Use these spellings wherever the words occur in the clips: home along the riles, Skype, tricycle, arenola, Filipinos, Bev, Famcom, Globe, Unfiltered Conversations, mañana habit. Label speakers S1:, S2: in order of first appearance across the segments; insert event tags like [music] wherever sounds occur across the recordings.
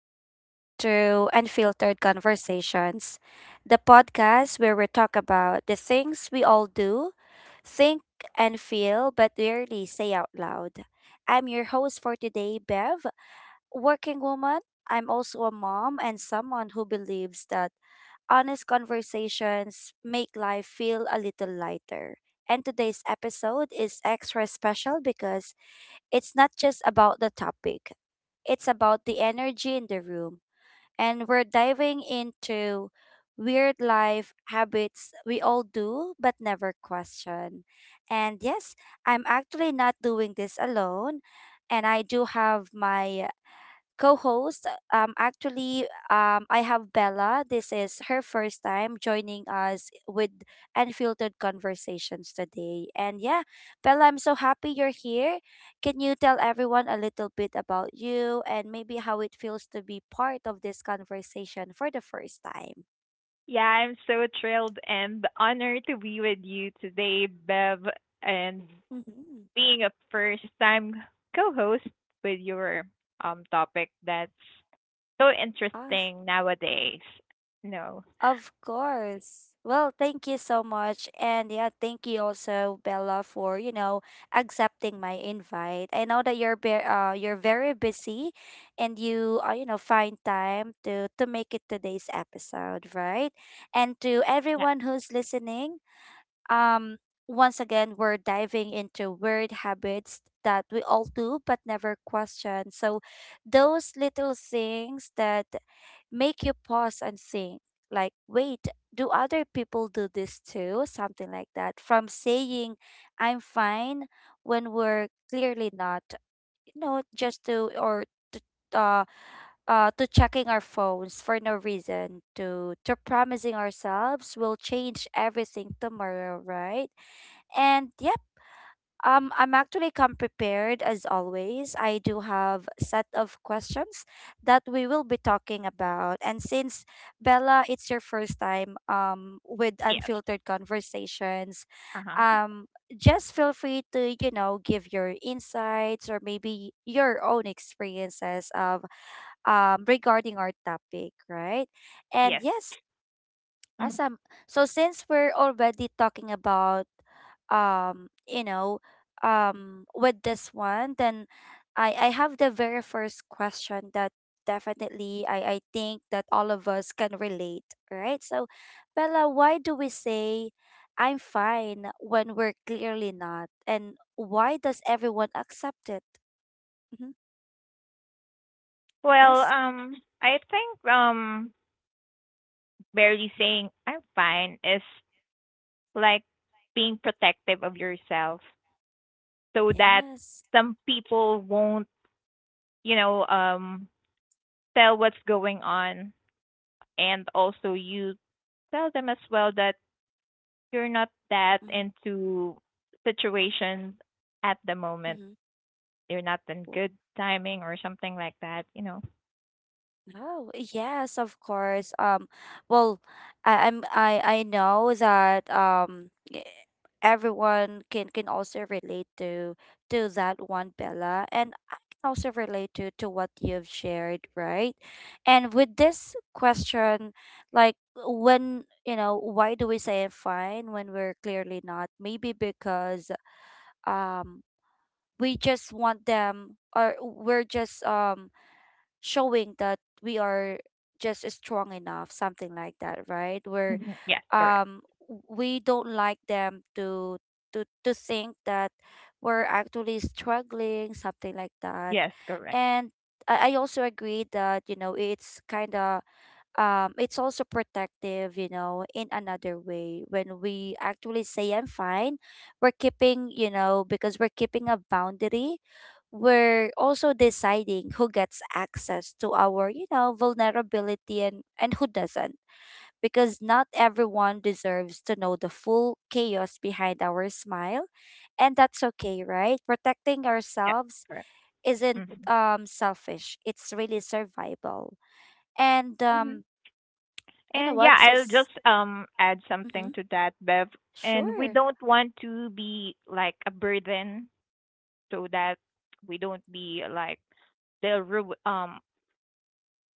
S1: welcome back to Unfiltered Conversations, the podcast where we talk about the things we all do, think and feel, but rarely say out loud. I'm your host for today, Bev, working woman. I'm also a mom and someone who believes that honest conversations make life feel a little lighter. And today's episode is extra special because it's not just about the topic, it's about the energy in the room. And we're diving into weird life habits we all do but never question. And yes, I'm actually not doing this alone. And I do have my co-host. I have Bella. This is her first time joining us with Unfiltered Conversations today. And yeah, Bella, I'm so happy you're here. Can you tell everyone a little bit about you and maybe how it feels to be part of this conversation for the first time?
S2: Yeah, I'm so thrilled and honored to be with you today, Bev, and
S1: Mm-hmm.
S2: being a first time co host with your topic that's so interesting nowadays. No.
S1: Of course. Well, thank you so much. And yeah, thank you also, Bella, for, accepting my invite. I know that you're very busy and you find time to make it today's episode, right? And to
S2: Yeah.
S1: everyone who's listening, um once again, we're diving into weird habits that we all do but never question. So, those little things that make you pause and think, like, wait, do other people do this too? Something like that. From saying, I'm fine, when we're clearly not, you know, just to, or to, to checking our phones for no reason, to promising ourselves we'll change everything tomorrow, right? And yep. I'm actually come prepared as always. I do have a set of questions that we will be talking about. And since Bella, it's your first time with
S2: Yes.
S1: unfiltered conversations,
S2: Uh-huh.
S1: um, just feel free to, you know, give your insights or maybe your own experiences of regarding our topic, right? And
S2: Yes.
S1: yes,
S2: Mhm.
S1: awesome. So since we're already talking about um, you know, with this one, then I have the very first question that definitely I think that all of us can relate, right? So Bella, why do we say I'm fine when we're clearly not? And why does everyone accept it? Mm-hmm.
S2: Well,
S1: Yes.
S2: I think barely saying I'm fine is like being protective of yourself so that
S1: Yes.
S2: some people won't, you know, um tell what's going on, and also you tell them as well that you're not that into situations at the moment.
S1: Mm-hmm.
S2: You're not in good timing or something like that.
S1: Oh, yes, of course. Well, I, I'm I know that everyone can also relate to that one, Bella, and I can also relate to what you've shared, right? And with this question, like when you know, why do we say I'm fine when we're clearly not? Maybe because um we just want them or we're just showing that we are just strong enough, something like that, right? Where
S2: Mhm. Yes, correct.
S1: um we don't like them to to think that we're actually struggling, something like that.
S2: Yes, correct.
S1: And I also agree that, you know, it's kinda it's also protective, you know, in another way. When we actually say I'm fine, we're keeping, you know, because we're keeping a boundary, we're also deciding who gets access to our, you know, vulnerability and who doesn't. Because not everyone deserves to know the full chaos behind our smile. And that's okay, right? Protecting
S2: Yes,
S1: ourselves
S2: correct.
S1: isn't
S2: Mhm.
S1: selfish. It's really survival. And
S2: Mhm.
S1: you know
S2: And yeah,
S1: what?
S2: I'll
S1: Sis-
S2: just add
S1: mm-hmm.
S2: something to that, Bev. And we
S1: Sure.
S2: don't want to be like a burden, so that we don't be like they'll ru- um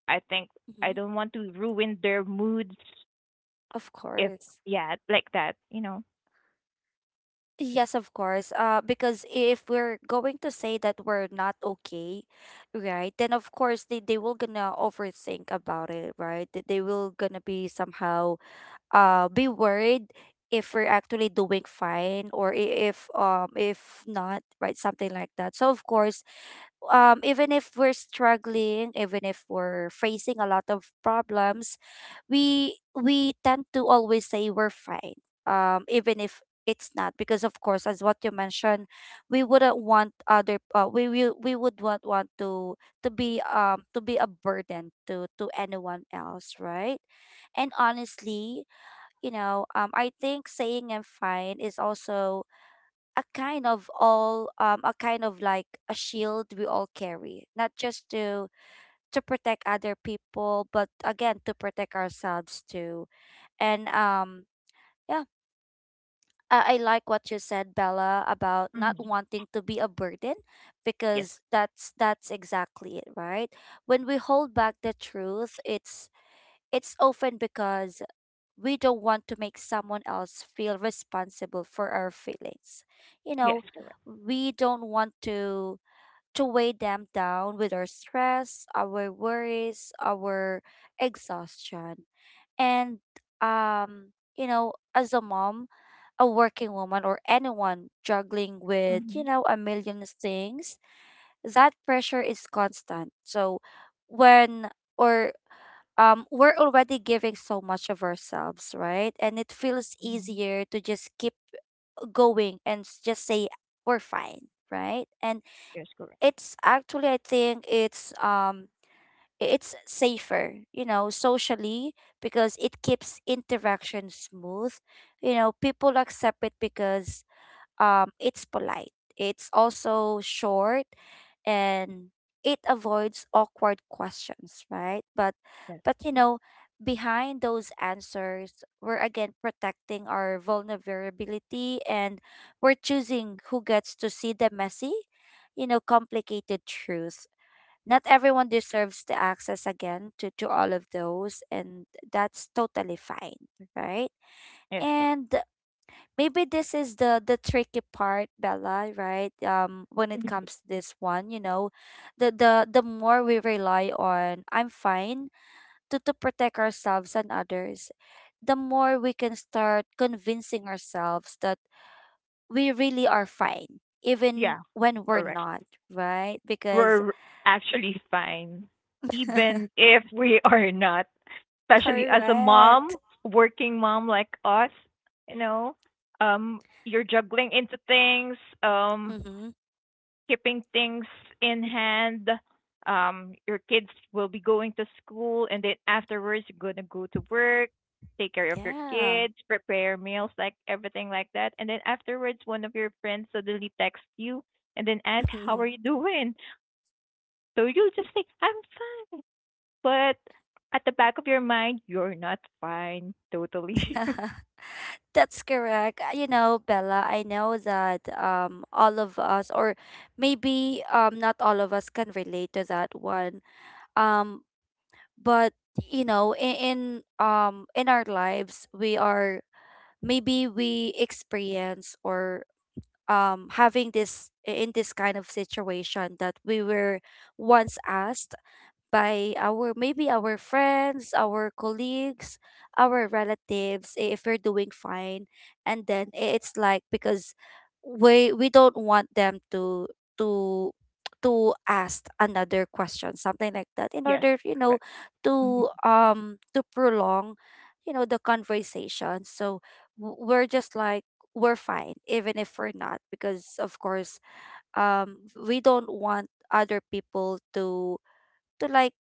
S2: I think I
S1: Mm-hmm.
S2: don't want to ruin their moods
S1: Of
S2: if,
S1: course.
S2: yeah, like that, you know.
S1: Yes, of course. Because if we're going to say that we're not okay, right, then of course they will gonna overthink about it, right? They will gonna be somehow be worried if we're actually doing fine or if not, right? Something like that. So of course even if we're struggling, even if we're facing a lot of problems, we tend to always say we're fine, even if it's not. Because of course, as what you mentioned, we wouldn't want other we will we would want to be to be a burden to anyone else, right? And honestly, you know, I think saying I'm fine is also a kind of like a shield we all carry not just to protect other people but again to protect ourselves too and yeah I like what you said bella about not
S2: Hmm.
S1: wanting to be a burden
S2: Yes,
S1: because that's exactly it right when we hold back the truth it's often because we don't want to make someone else feel responsible for our feelings. You
S2: yes,
S1: know,
S2: correct.
S1: we don't want to weigh them down with our stress, our worries, our exhaustion. And you know, as a mom, a working woman or anyone juggling with, you
S2: Hmm.
S1: know, a million things, that pressure is constant. So when or we're already giving so much of ourselves, right? And it feels
S2: Hmm.
S1: easier to just keep going and just say we're fine, right? And
S2: Yes, correct.
S1: it's actually, I think it's safer, you know, socially because it keeps interaction smooth. You know, people accept it because it's polite. It's also short and it avoids awkward questions, right? But
S2: Yes,
S1: but you know, behind those answers, we're again protecting our vulnerability and we're choosing who gets to see the messy, you know, complicated truth. Not everyone deserves the access again to all of those and that's totally fine, right?
S2: yes, correct.
S1: And maybe this is the tricky part bella right when it
S2: Mhm.
S1: comes to this one you know the more we rely on I'm fine to protect ourselves and others the more we can start convincing ourselves that we really are fine even
S2: Yeah,
S1: when we're
S2: correct.
S1: not right because
S2: We're actually fine, even
S1: [laughs]
S2: if we are not, especially as a mom,
S1: correct
S2: working mom like us, you know. You're juggling into things. Um,
S1: mm-hmm.
S2: Keeping things in hand. Your kids will be going to school, and then afterwards, you're gonna go to work, take care of your
S1: yeah
S2: kids, prepare meals, like everything like that. And then afterwards, one of your friends suddenly texts you and then asks, "How are you doing?" So you just say, "I'm fine," but at the back of your mind, you're not fine totally. [laughs]
S1: [laughs] That's correct. You know, Bella, I know that all of us or maybe not all of us can relate to that one. Um but you know, in our lives we are maybe we experience or having this in this kind of situation that we were once asked by our maybe our friends, our colleagues, our relatives if we're doing fine. And then it's like because we don't want them to to to ask another question, something like that, in
S2: Yes,
S1: order, you know,
S2: correct. Mhm.
S1: to prolong, you know, the conversation. So we're just like we're fine even if we're not because of course we don't want other people to like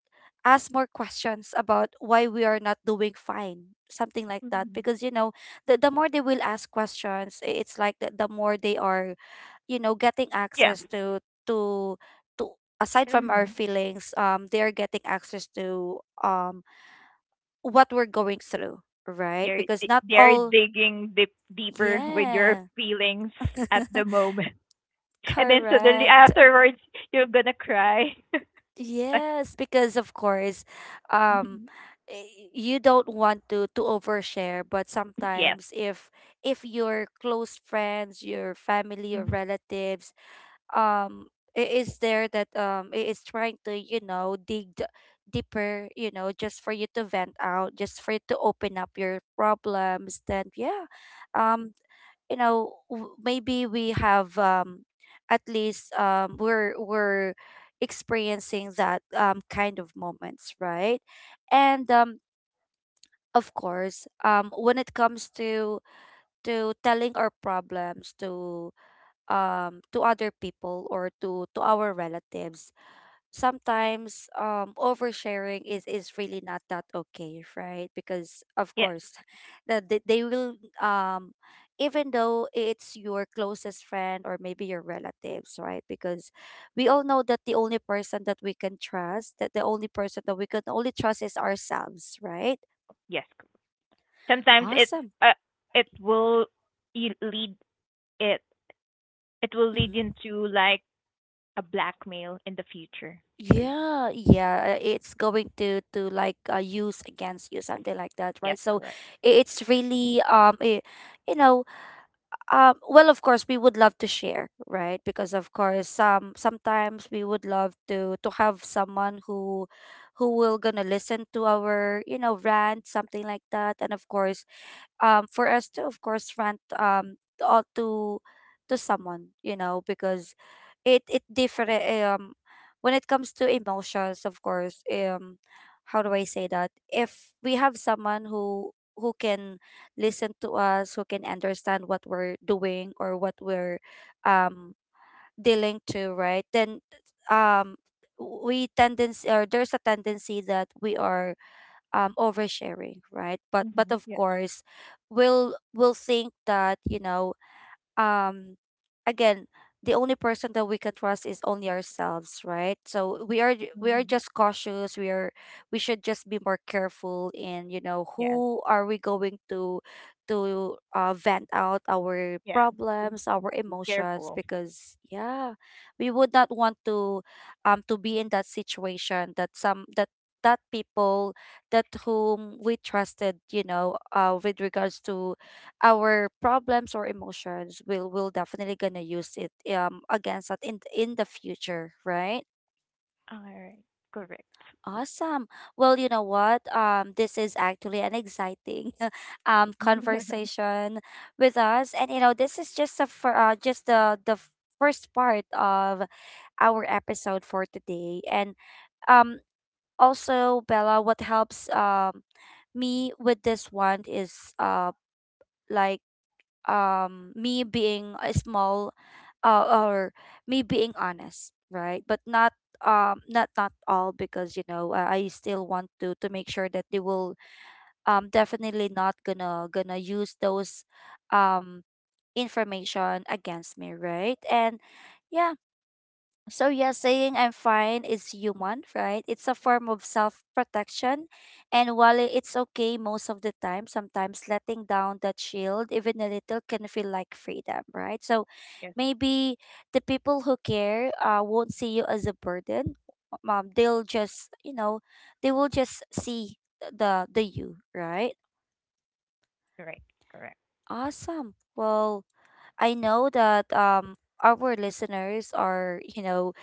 S1: ask more questions about why we are not doing fine something like that
S2: Mhm.
S1: because you know the more they will ask questions it's like the more they are you know getting
S2: Yeah.
S1: access to to to aside from our
S2: Hmm.
S1: feelings they are getting access to what we're going through right because not
S2: They're
S1: all
S2: digging deep deeper with your
S1: yeah
S2: feelings at
S1: [laughs]
S2: the moment, [laughs] and then suddenly
S1: correct
S2: afterwards you're gonna cry. [laughs]
S1: Yes, because of course, um,
S2: Mhm.
S1: you don't want to overshare, but
S2: Yes.
S1: sometimes if your close friends, your family or
S2: Mhm.
S1: relatives, um, I- is there that I- is trying to, you know, deeper, you know, just for you to vent out, just for you to open up your problems, then yeah, um, you know maybe we have at least we're experiencing that kind of moments right and of course when it comes to telling our problems to other people or to our relatives sometimes oversharing is really not that okay right because of
S2: Yes,
S1: course [laughs] that they will um even though it's your closest friend or maybe your relatives right because we all know that the only person that we can trust that the only person that we can only trust is ourselves right
S2: yes. Sometimes
S1: awesome
S2: uh, it will e- lead it it will lead
S1: hmm
S2: into like a blackmail in the future for you.
S1: yeah yeah it's going to like use against you something like that right
S2: Yes,
S1: so
S2: correct.
S1: it's really you know well, of course, we would love to share, right? Because of course, sometimes we would love to have someone who will gonna listen to our, you know, rant, something like that. And of course, for us to of course rant or to someone you know because it different when it comes to emotions of course how do I say that if we have someone who can listen to us who can understand what we're doing or what we're um dealing to right then um we tendency or there's a tendency that we are oversharing, right? But
S2: Mm-hmm.
S1: of
S2: Yes.
S1: course, we'll think that um again, the only person that we can trust is only ourselves, right? So we are we are
S2: Mm-hmm.
S1: just cautious. We should just be more careful in
S2: Yes.
S1: who are we going to vent out our
S2: Yes. So,
S1: problems, our
S2: be
S1: emotions,
S2: careful.
S1: because yeah, we would not want to be in that situation that some that that people that whom we trusted, with regards to our problems or emotions, we'll definitely gonna use it against that in the future, right?
S2: All right. Correct.
S1: Awesome. Well, you know what, this is actually an exciting [laughs]
S2: [laughs] Yes.
S1: conversation with us. And you know, this is just a for just the first part of our episode for today. And um also, Bella, what helps me with this one is like me being a small, or me being honest, right? But not all, because you know, I still want to make sure that they will definitely not gonna use those um information against me, right? And yeah, so yeah, saying I'm fine is human, right? It's a form of self-protection. And while it's okay most of the time, sometimes letting down that shield even a little can feel like freedom, right? So maybe the people who care won't see you as a burden. They'll just, you know, they will just see the you, right?
S2: Correct. Correct.
S1: Awesome. Well, I know that our listeners are, you know,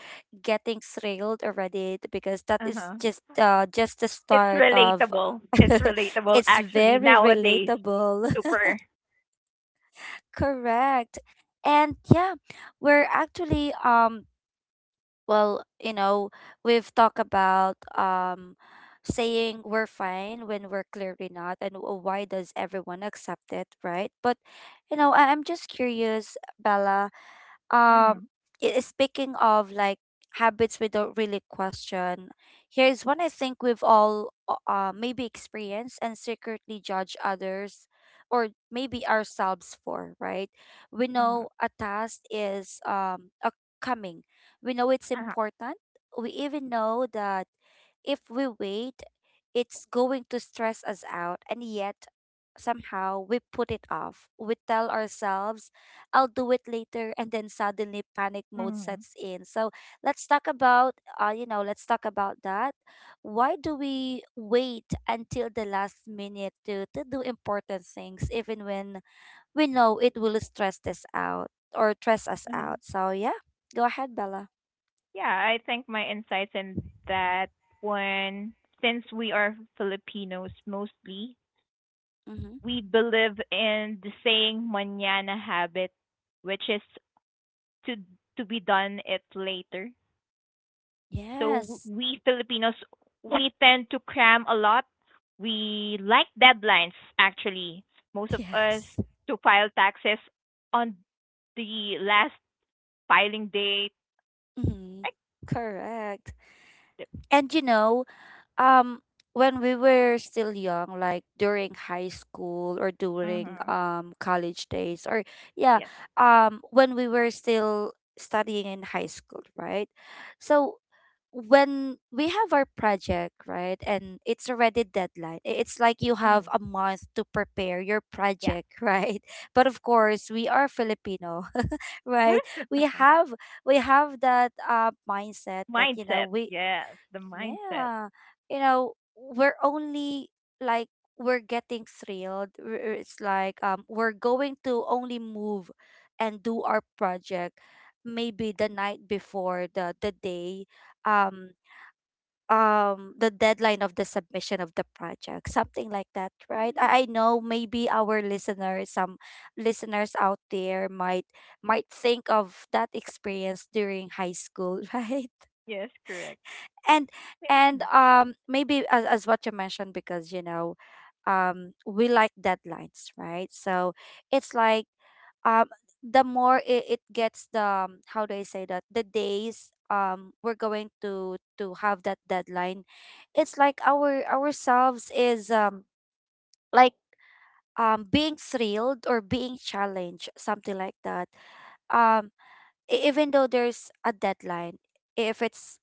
S1: getting thrilled already because that is
S2: Uh-huh.
S1: just the
S2: It's
S1: start of
S2: relatable. It's
S1: [laughs]
S2: relatable
S1: it's
S2: actually
S1: very
S2: nowadays.
S1: relatable.
S2: Super.
S1: [laughs] Correct. And yeah, we're actually well, you know, we've talked about saying we're fine when we're clearly not, and why does everyone accept it, right? But you know, I'm just curious, Bella, um
S2: Mhm.
S1: speaking of like habits we don't really question. Here's one I think we've all maybe experienced and secretly judge others, or maybe ourselves, for, right? We
S2: Mhm.
S1: know a task is a coming. We know it's
S2: Uh-huh.
S1: important. We even know that if we wait it's going to stress us out, and yet somehow we put it off. We tell ourselves I'll do it later, and then suddenly panic mode
S2: Mhm.
S1: sets in. So let's talk about let's talk about that. Why do we wait until the last minute to do important things, even when we know it will stress us out or stress us
S2: Uh-huh.
S1: out? So yeah, go ahead, Bella.
S2: Yeah, I think my insights in that one, since we are Filipinos mostly,
S1: Mm-hmm.
S2: we believe in the saying mañana habit, which is to to be done it later. So
S1: Yes. [laughs]
S2: we Filipinos, we tend to cram a lot. We like deadlines actually. Most of us
S1: Yes.
S2: to file taxes on the last filing date.
S1: Mm-hmm.
S2: Like
S1: Correct.
S2: the,
S1: And you know, um when we were still young, like during high school or during
S2: hmm.
S1: college days, or yeah,
S2: Yes.
S1: when we were still studying in high school, right? So when we have our project, right, and it's already deadline, it's like you have
S2: Mm,
S1: a month to prepare your
S2: yeah.
S1: project [laughs] right? But of course we are Filipino [laughs] right?
S2: Huh?
S1: We have we have that mindset that you know
S2: Mindset.
S1: we...
S2: Yes, the mindset.
S1: yeah. You know, we're only like we're getting thrilled. It's like we're going to only move and do our project maybe the night before the day, um the deadline of the submission of the project, something like that, right? I know maybe our listeners, some listeners out there, might think of that experience during high school [laughs] right?
S2: Yes, correct.
S1: And and
S2: Mm,
S1: maybe as what you mentioned, because you know we like deadlines, right? So it's like um the more it gets the how do I say that, the days we're going to have that deadline, it's like our ourselves is like being thrilled or being challenged, something like that. um Even though there's a deadline, if it's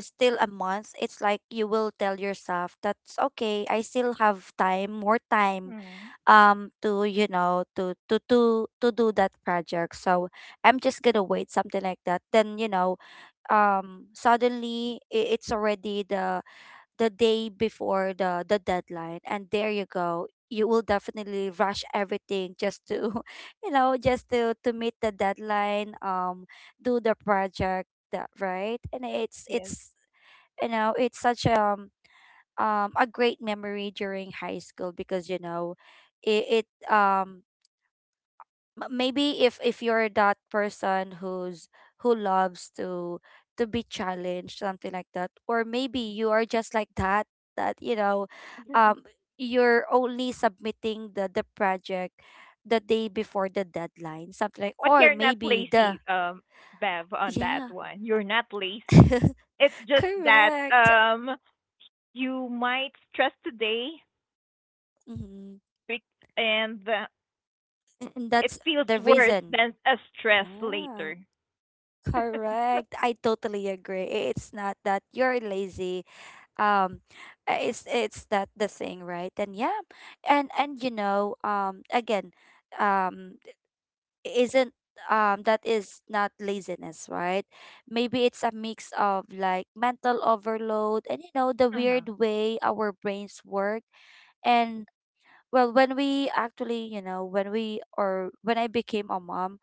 S1: still a month, it's like you will tell yourself that's okay. I still have time, more time,
S2: mm,
S1: to you know, to do that project. So I'm just gonna wait, something like that. Then you know, suddenly it's already the day before the deadline, and there you go. You will definitely rush everything just to, [laughs] you know, just to meet the deadline. Do the project that right, and
S2: yes.
S1: it's you know it's such a great memory during high school, because you know it um maybe if you're that person who loves to be challenged, something like that, or maybe you are just like that, you know, um
S2: [laughs]
S1: you're only submitting the project the day before the deadline, something like
S2: But
S1: or
S2: you're not
S1: maybe the...
S2: lazy, Bev, on
S1: yeah.
S2: that one. You're not
S1: [laughs]
S2: lazy. It's just that
S1: Correct.
S2: you might stress today,
S1: Mhm.
S2: bec- and
S1: And
S2: it
S1: that's
S2: feels
S1: the
S2: worse
S1: reason.
S2: than a stress
S1: Yeah,
S2: later. [laughs]
S1: correct. I totally agree. It's not that you're lazy. Um, it's that the thing, right? And yeah, and you know, again, um, isn't that is not laziness, right? Maybe it's a mix of like mental overload and you know the
S2: Uh-huh.
S1: weird way our brains work. And well, when we actually, you know, when we or when I became a mom,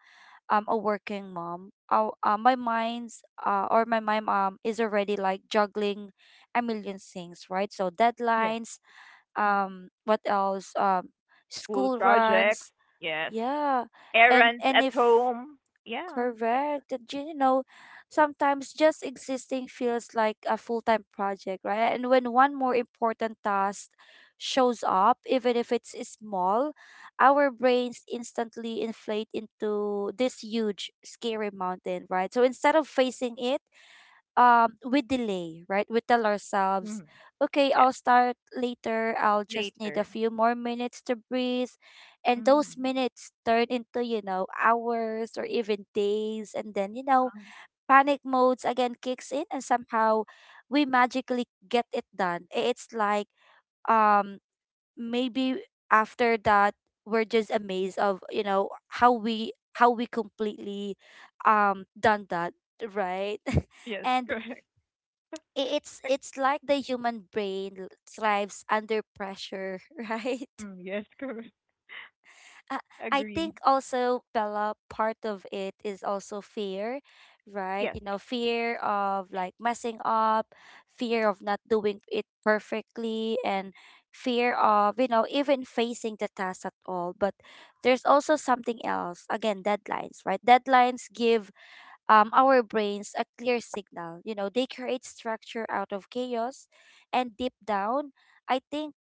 S1: a working mom, my mind's or my mind is already like juggling a million things, right? So
S2: Yes.
S1: deadlines,
S2: Mhm.
S1: what else?
S2: School
S1: School
S2: projects.
S1: runs,
S2: Yes.
S1: yeah,
S2: Errands
S1: and
S2: at
S1: if...
S2: home. Yeah. Like,
S1: Correct. That you know, sometimes just existing feels like a full-time project, right? And when one more important task shows up, even if it's small, our brains instantly inflate into this huge, scary mountain, right? So instead of facing it, we delay, right? We tell ourselves,
S2: mm,
S1: okay,
S2: yes.
S1: I'll start later, I'll just need a
S2: Later.
S1: few more minutes to breathe. And those
S2: Hmm.
S1: minutes turn into, you know, hours or even days, and then you know
S2: Um,
S1: panic modes again kicks in, and somehow we magically get it done. It's like um maybe after that we're just amazed of you know how we completely done that, right? [laughs]
S2: yes.
S1: And
S2: Correct.
S1: it's
S2: [laughs]
S1: it's like the human brain thrives under pressure, [laughs] right?
S2: Mm, yes. Correct.
S1: I, I
S2: Agreed.
S1: think also, Bella, part of it is also fear, right?
S2: Yes.
S1: You know, fear of like messing up, fear of not doing it perfectly, and fear of, you know, even facing the task at all. But there's also something else. Again, deadlines, right? Deadlines give, our brains a clear signal. You know, they create structure out of chaos. And deep down, I think,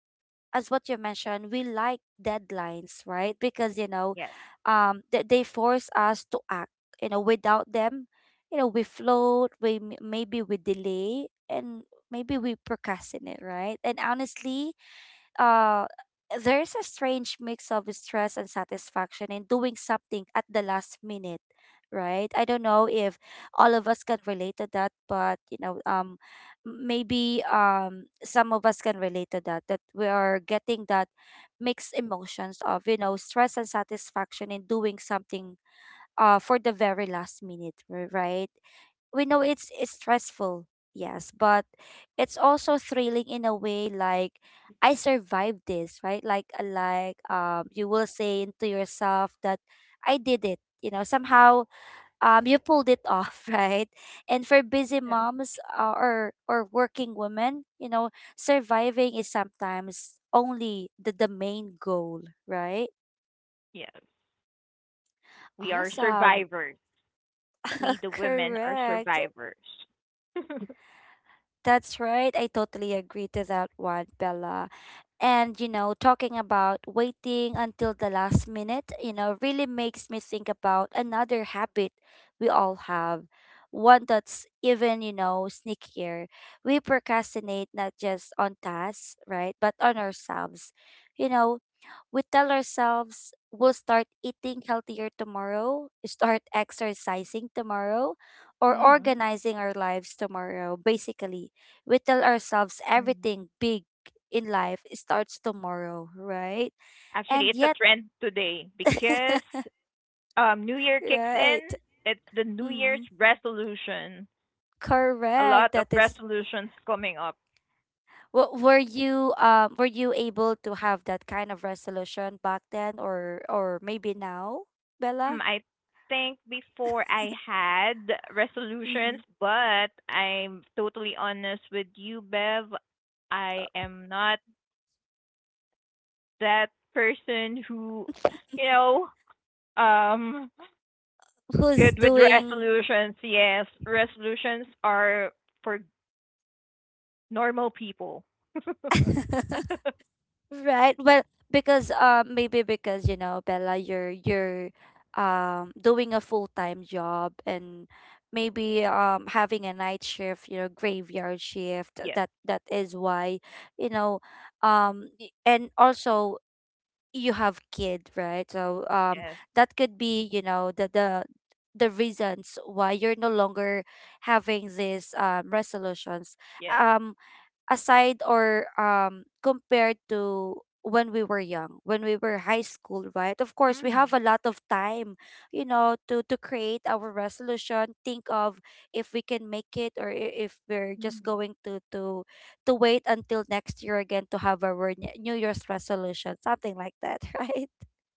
S1: as what you mentioned, we like deadlines, right? Because, you know,
S2: Yes.
S1: they force us to act. You know, without them, you know, we float, we maybe we delay, and maybe we procrastinate, right? And honestly, uh, there is a strange mix of stress and satisfaction in doing something at the last minute, right? I don't know if all of us can relate to that, but you know, maybe, some of us can relate to that. That we are getting that mixed emotions of, you know, stress and satisfaction in doing something for the very last minute, right? We know it's stressful, yes, but it's also thrilling in a way like I survived this, right? Like you will say to yourself that I did it. You know, somehow you pulled it off, [laughs] right? And for busy
S2: Yes.
S1: moms, or working women, you know, surviving is sometimes only the main goal, right?
S2: Yes. We are
S1: Awesome.
S2: survivors. We, the
S1: [laughs]
S2: women, are
S1: Correct.
S2: survivors. [laughs]
S1: That's right. I totally agree to that one, Bella. And, you know, talking about waiting until the last minute, you know, really makes me think about another habit we all have. One that's even, you know, sneakier. We procrastinate not just on tasks, right, but on ourselves. You know, we tell ourselves we'll start eating healthier tomorrow, [laughs] start exercising tomorrow, or
S2: Hmm.
S1: organizing our lives tomorrow. Basically, we tell ourselves
S2: Hmm.
S1: everything big in life starts tomorrow, right?
S2: Actually,
S1: And
S2: it's a
S1: yet,
S2: trend today
S1: [laughs]
S2: because New Year kicks
S1: right.
S2: in. It's the New Year's
S1: Mm,
S2: resolution. A lot
S1: correct.
S2: of
S1: That is.
S2: resolutions coming up.
S1: Were you were you able to have that kind of resolution back then, or maybe now,
S2: Mm,
S1: Bella?
S2: I think before I had
S1: Mm-hmm.
S2: resolutions, but I'm totally honest with you, Bev. I am not that person who, you know, Um,
S1: Who's
S2: good with
S1: doing...
S2: resolutions. Yes, resolutions are for normal people. [laughs]
S1: [laughs] Right. Well, because maybe because, you know, Bella, you're doing a full-time job, and maybe having a night shift, you know, graveyard shift.
S2: Yes,
S1: That is why, you know, and also you have kid, right? So
S2: yes,
S1: that could be, you know, the reasons why you're no longer having these resolutions.
S2: yes.
S1: Um aside or compared to when we were young, when we were high school, right, of course we have
S2: Mm,
S1: a lot of time, you know, to create our resolution, think of if we can make it, or if we're just
S2: mm,
S1: going to wait until next year again to have our New Year's resolution, something like that, [laughs] right?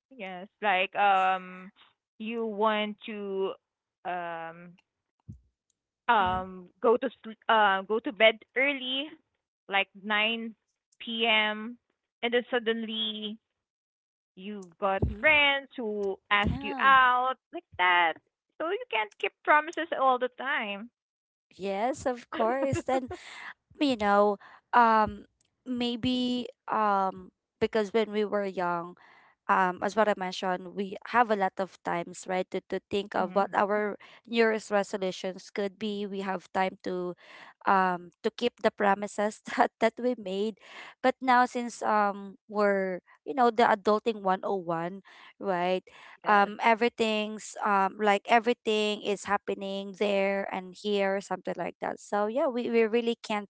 S2: yes, like you want to um
S1: Mm-hmm.
S2: go to bed early, like 9 p.m., and then suddenly you've got
S1: Mm-hmm.
S2: friends who ask you
S1: Yeah.
S2: out like that. So you can't keep promises all the time.
S1: Yes, of course. And
S2: [laughs]
S1: you know, um maybe because when we were young, as what I mentioned, we have a lot of times, right, to think of what
S2: Mhm.
S1: our New Year's resolutions could be. We have time to, to keep the promises [laughs] that we made. But now since we're, you know, the adulting 101, right,
S2: Yes.
S1: everything's like everything is happening there and here, something like that. So yeah, we really can't,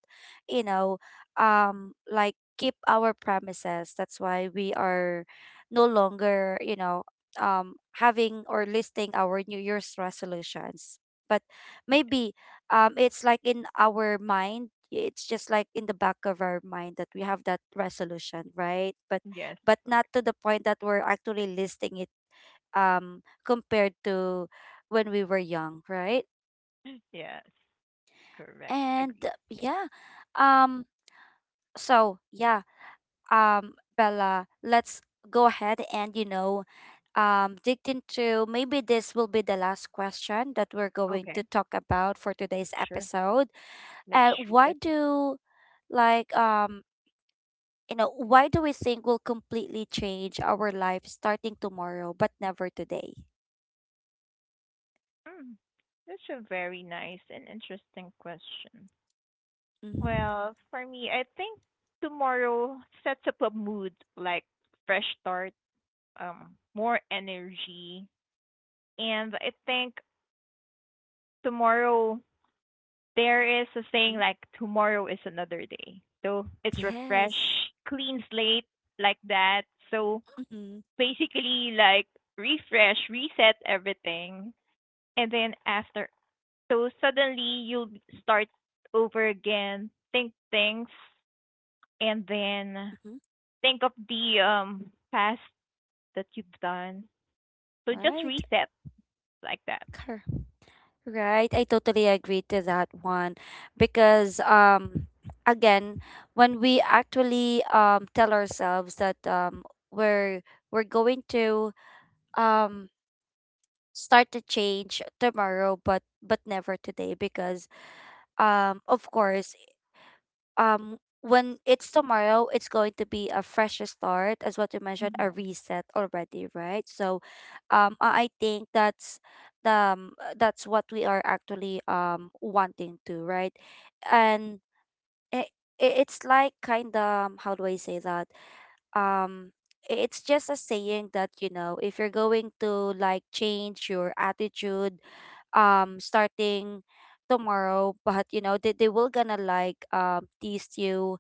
S1: you know, like keep our promises. That's why we are no longer, um, having or listing our New Year's resolutions. But maybe it's like in our mind, it's just like in the back of our mind that we have that resolution, right? But
S2: Yes.
S1: but not to the point that we're actually listing it, compared to when we were young, right?
S2: Yes. Correct.
S1: And
S2: Agree.
S1: yeah, um, so yeah, Bella, let's go ahead and digged into maybe this will be the last question that we're going to
S2: Okay.
S1: talk about for today's
S2: Sure.
S1: episode.
S2: Let's shoot
S1: Why
S2: it.
S1: do, like, you know, why do we think we'll completely change our life starting tomorrow but never today?
S2: Mm. That's a very nice and interesting question.
S1: Mm-hmm.
S2: Well, for me, I think tomorrow sets up a mood like fresh start, more energy, and I think tomorrow there is a saying
S1: Mm-hmm.
S2: like tomorrow is another day. So it's refresh,
S1: Yes.
S2: clean slate like that. So
S1: Mm-hmm.
S2: basically like refresh, reset everything. And then after, so suddenly you'll start over again, think things, and then
S1: Mm-hmm.
S2: think of the past that you've done. So just
S1: Right.
S2: reset like that.
S1: Cor- Right, I totally agree to that one because again, when we actually tell ourselves that we're we're going to um start to change tomorrow but never today because of course, when it's tomorrow it's going to be a fresh start, as what you mentioned, a
S2: Hmm.
S1: reset already, right? So I think that's the that's what we are actually wanting to, right? And it, it's like, kind of, how do I say that? Um i- it's just a saying that, you know, if you're going to like change your attitude starting tomorrow, but you know they will gonna like tease you,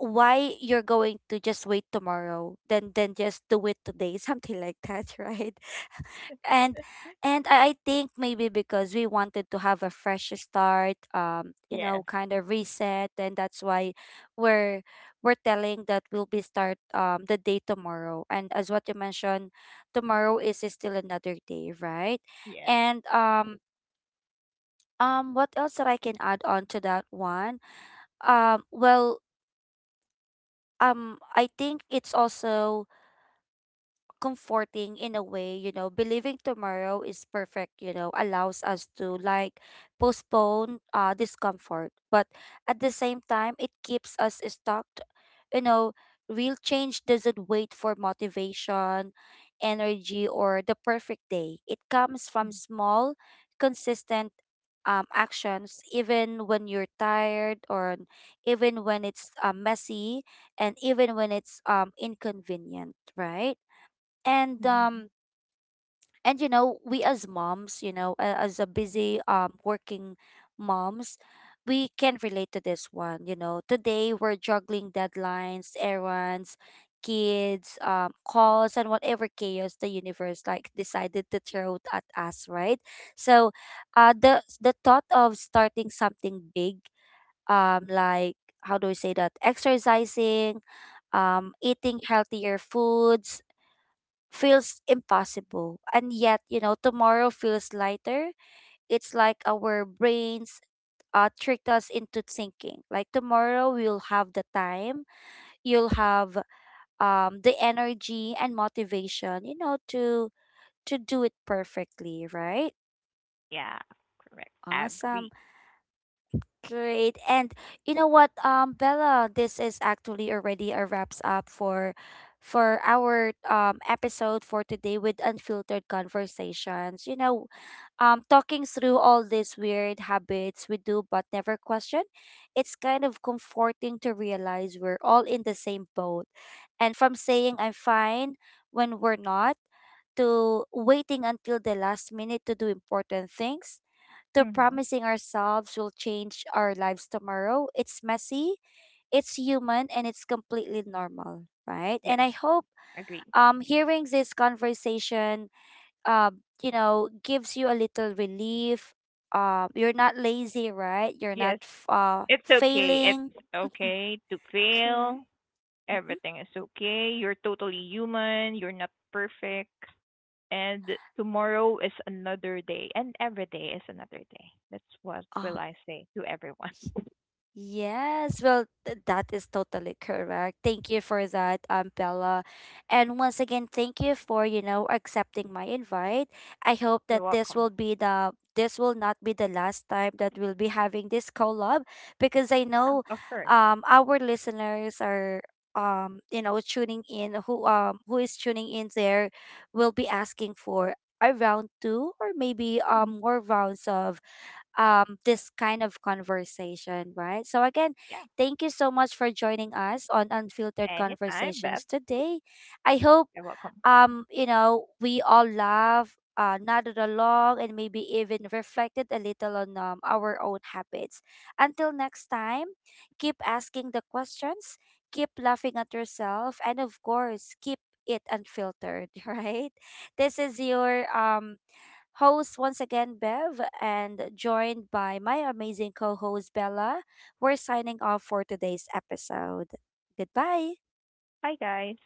S1: why you're going to just wait tomorrow, then just do it today [laughs] something like that, right? And and i I think maybe because we wanted to have a fresh start, you know,
S2: Yes,
S1: kind of reset, and that's why we're we're telling that we'll be start the day tomorrow, and as what you mentioned, tomorrow is still another day, right?
S2: yes.
S1: and what else that I can add on to that one? Well, I think it's also comforting in a way, you know, believing tomorrow is perfect, you know, allows us to like postpone discomfort. But at the same time, it keeps us stuck. You know, real change doesn't wait for motivation, energy, or the perfect day. It comes from small, consistent actions, even when you're tired, or even when it's messy, and even when it's inconvenient, right? and
S2: Mhm.
S1: um and you know, we as moms, you know, as a busy working moms, we can relate to this one. You know, today we're juggling deadlines, errands, kids, calls, and whatever chaos the universe like decided to throw at us, right? So the thought of starting something big, like, how do we say that, exercising, eating healthier foods, feels impossible. And yet, you know, tomorrow feels lighter. It's like our brains tricked us into thinking like tomorrow we'll have the time, you'll have the energy and motivation, you know, to do it perfectly, right?
S2: Yeah, correct.
S1: Awesome.
S2: Agree.
S1: Great. And you know what, Bella, this is actually already a wraps up for our episode for today with Unfiltered Conversations. You know, talking through all these weird habits we do but never question, it's kind of comforting to realize we're all in the same boat. And from saying I'm fine when we're not, to waiting until the last minute to do important things, to
S2: Mm-hmm.
S1: promising ourselves we'll change our lives tomorrow, it's messy, it's human, and it's completely normal, right? And
S2: Yes,
S1: I hope
S2: agree.
S1: hearing this conversation you know gives you a little relief. You're not lazy, right? You're not
S2: Yes, it's okay.
S1: failing,
S2: It's okay to fail.
S1: correct? Mm-hmm.
S2: Everything is okay. You're totally human. You're not perfect. And tomorrow is another day. And every day is another day. That's what
S1: Uh,
S2: will I say to everyone.
S1: Yes, well, that is totally correct. Thank you for that, Bella. And once again, thank you for, you know, accepting my invite. I hope
S2: [laughs] You're
S1: that
S2: welcome.
S1: this will not be the last time that we'll be having this collab, because I
S2: Yeah,
S1: know
S2: of course.
S1: our listeners are you know tuning in, who is tuning in there, will be asking for a round two, or maybe
S2: Hmm.
S1: more rounds of this kind of conversation, right? So, again,
S2: Yeah.
S1: thank you so much for joining us on Unfiltered
S2: Anytime, Beth.
S1: Conversations today. I hope,
S2: You're welcome.
S1: you know, we all laugh, nodded along, and maybe even reflected a little on our own habits. Until next time, keep asking the questions, keep laughing at yourself, and of course, keep it unfiltered, [laughs] right? This is your host once again, Bev, and joined by my amazing co host, Bella. We're signing off for today's episode. Goodbye.
S2: Bye, guys.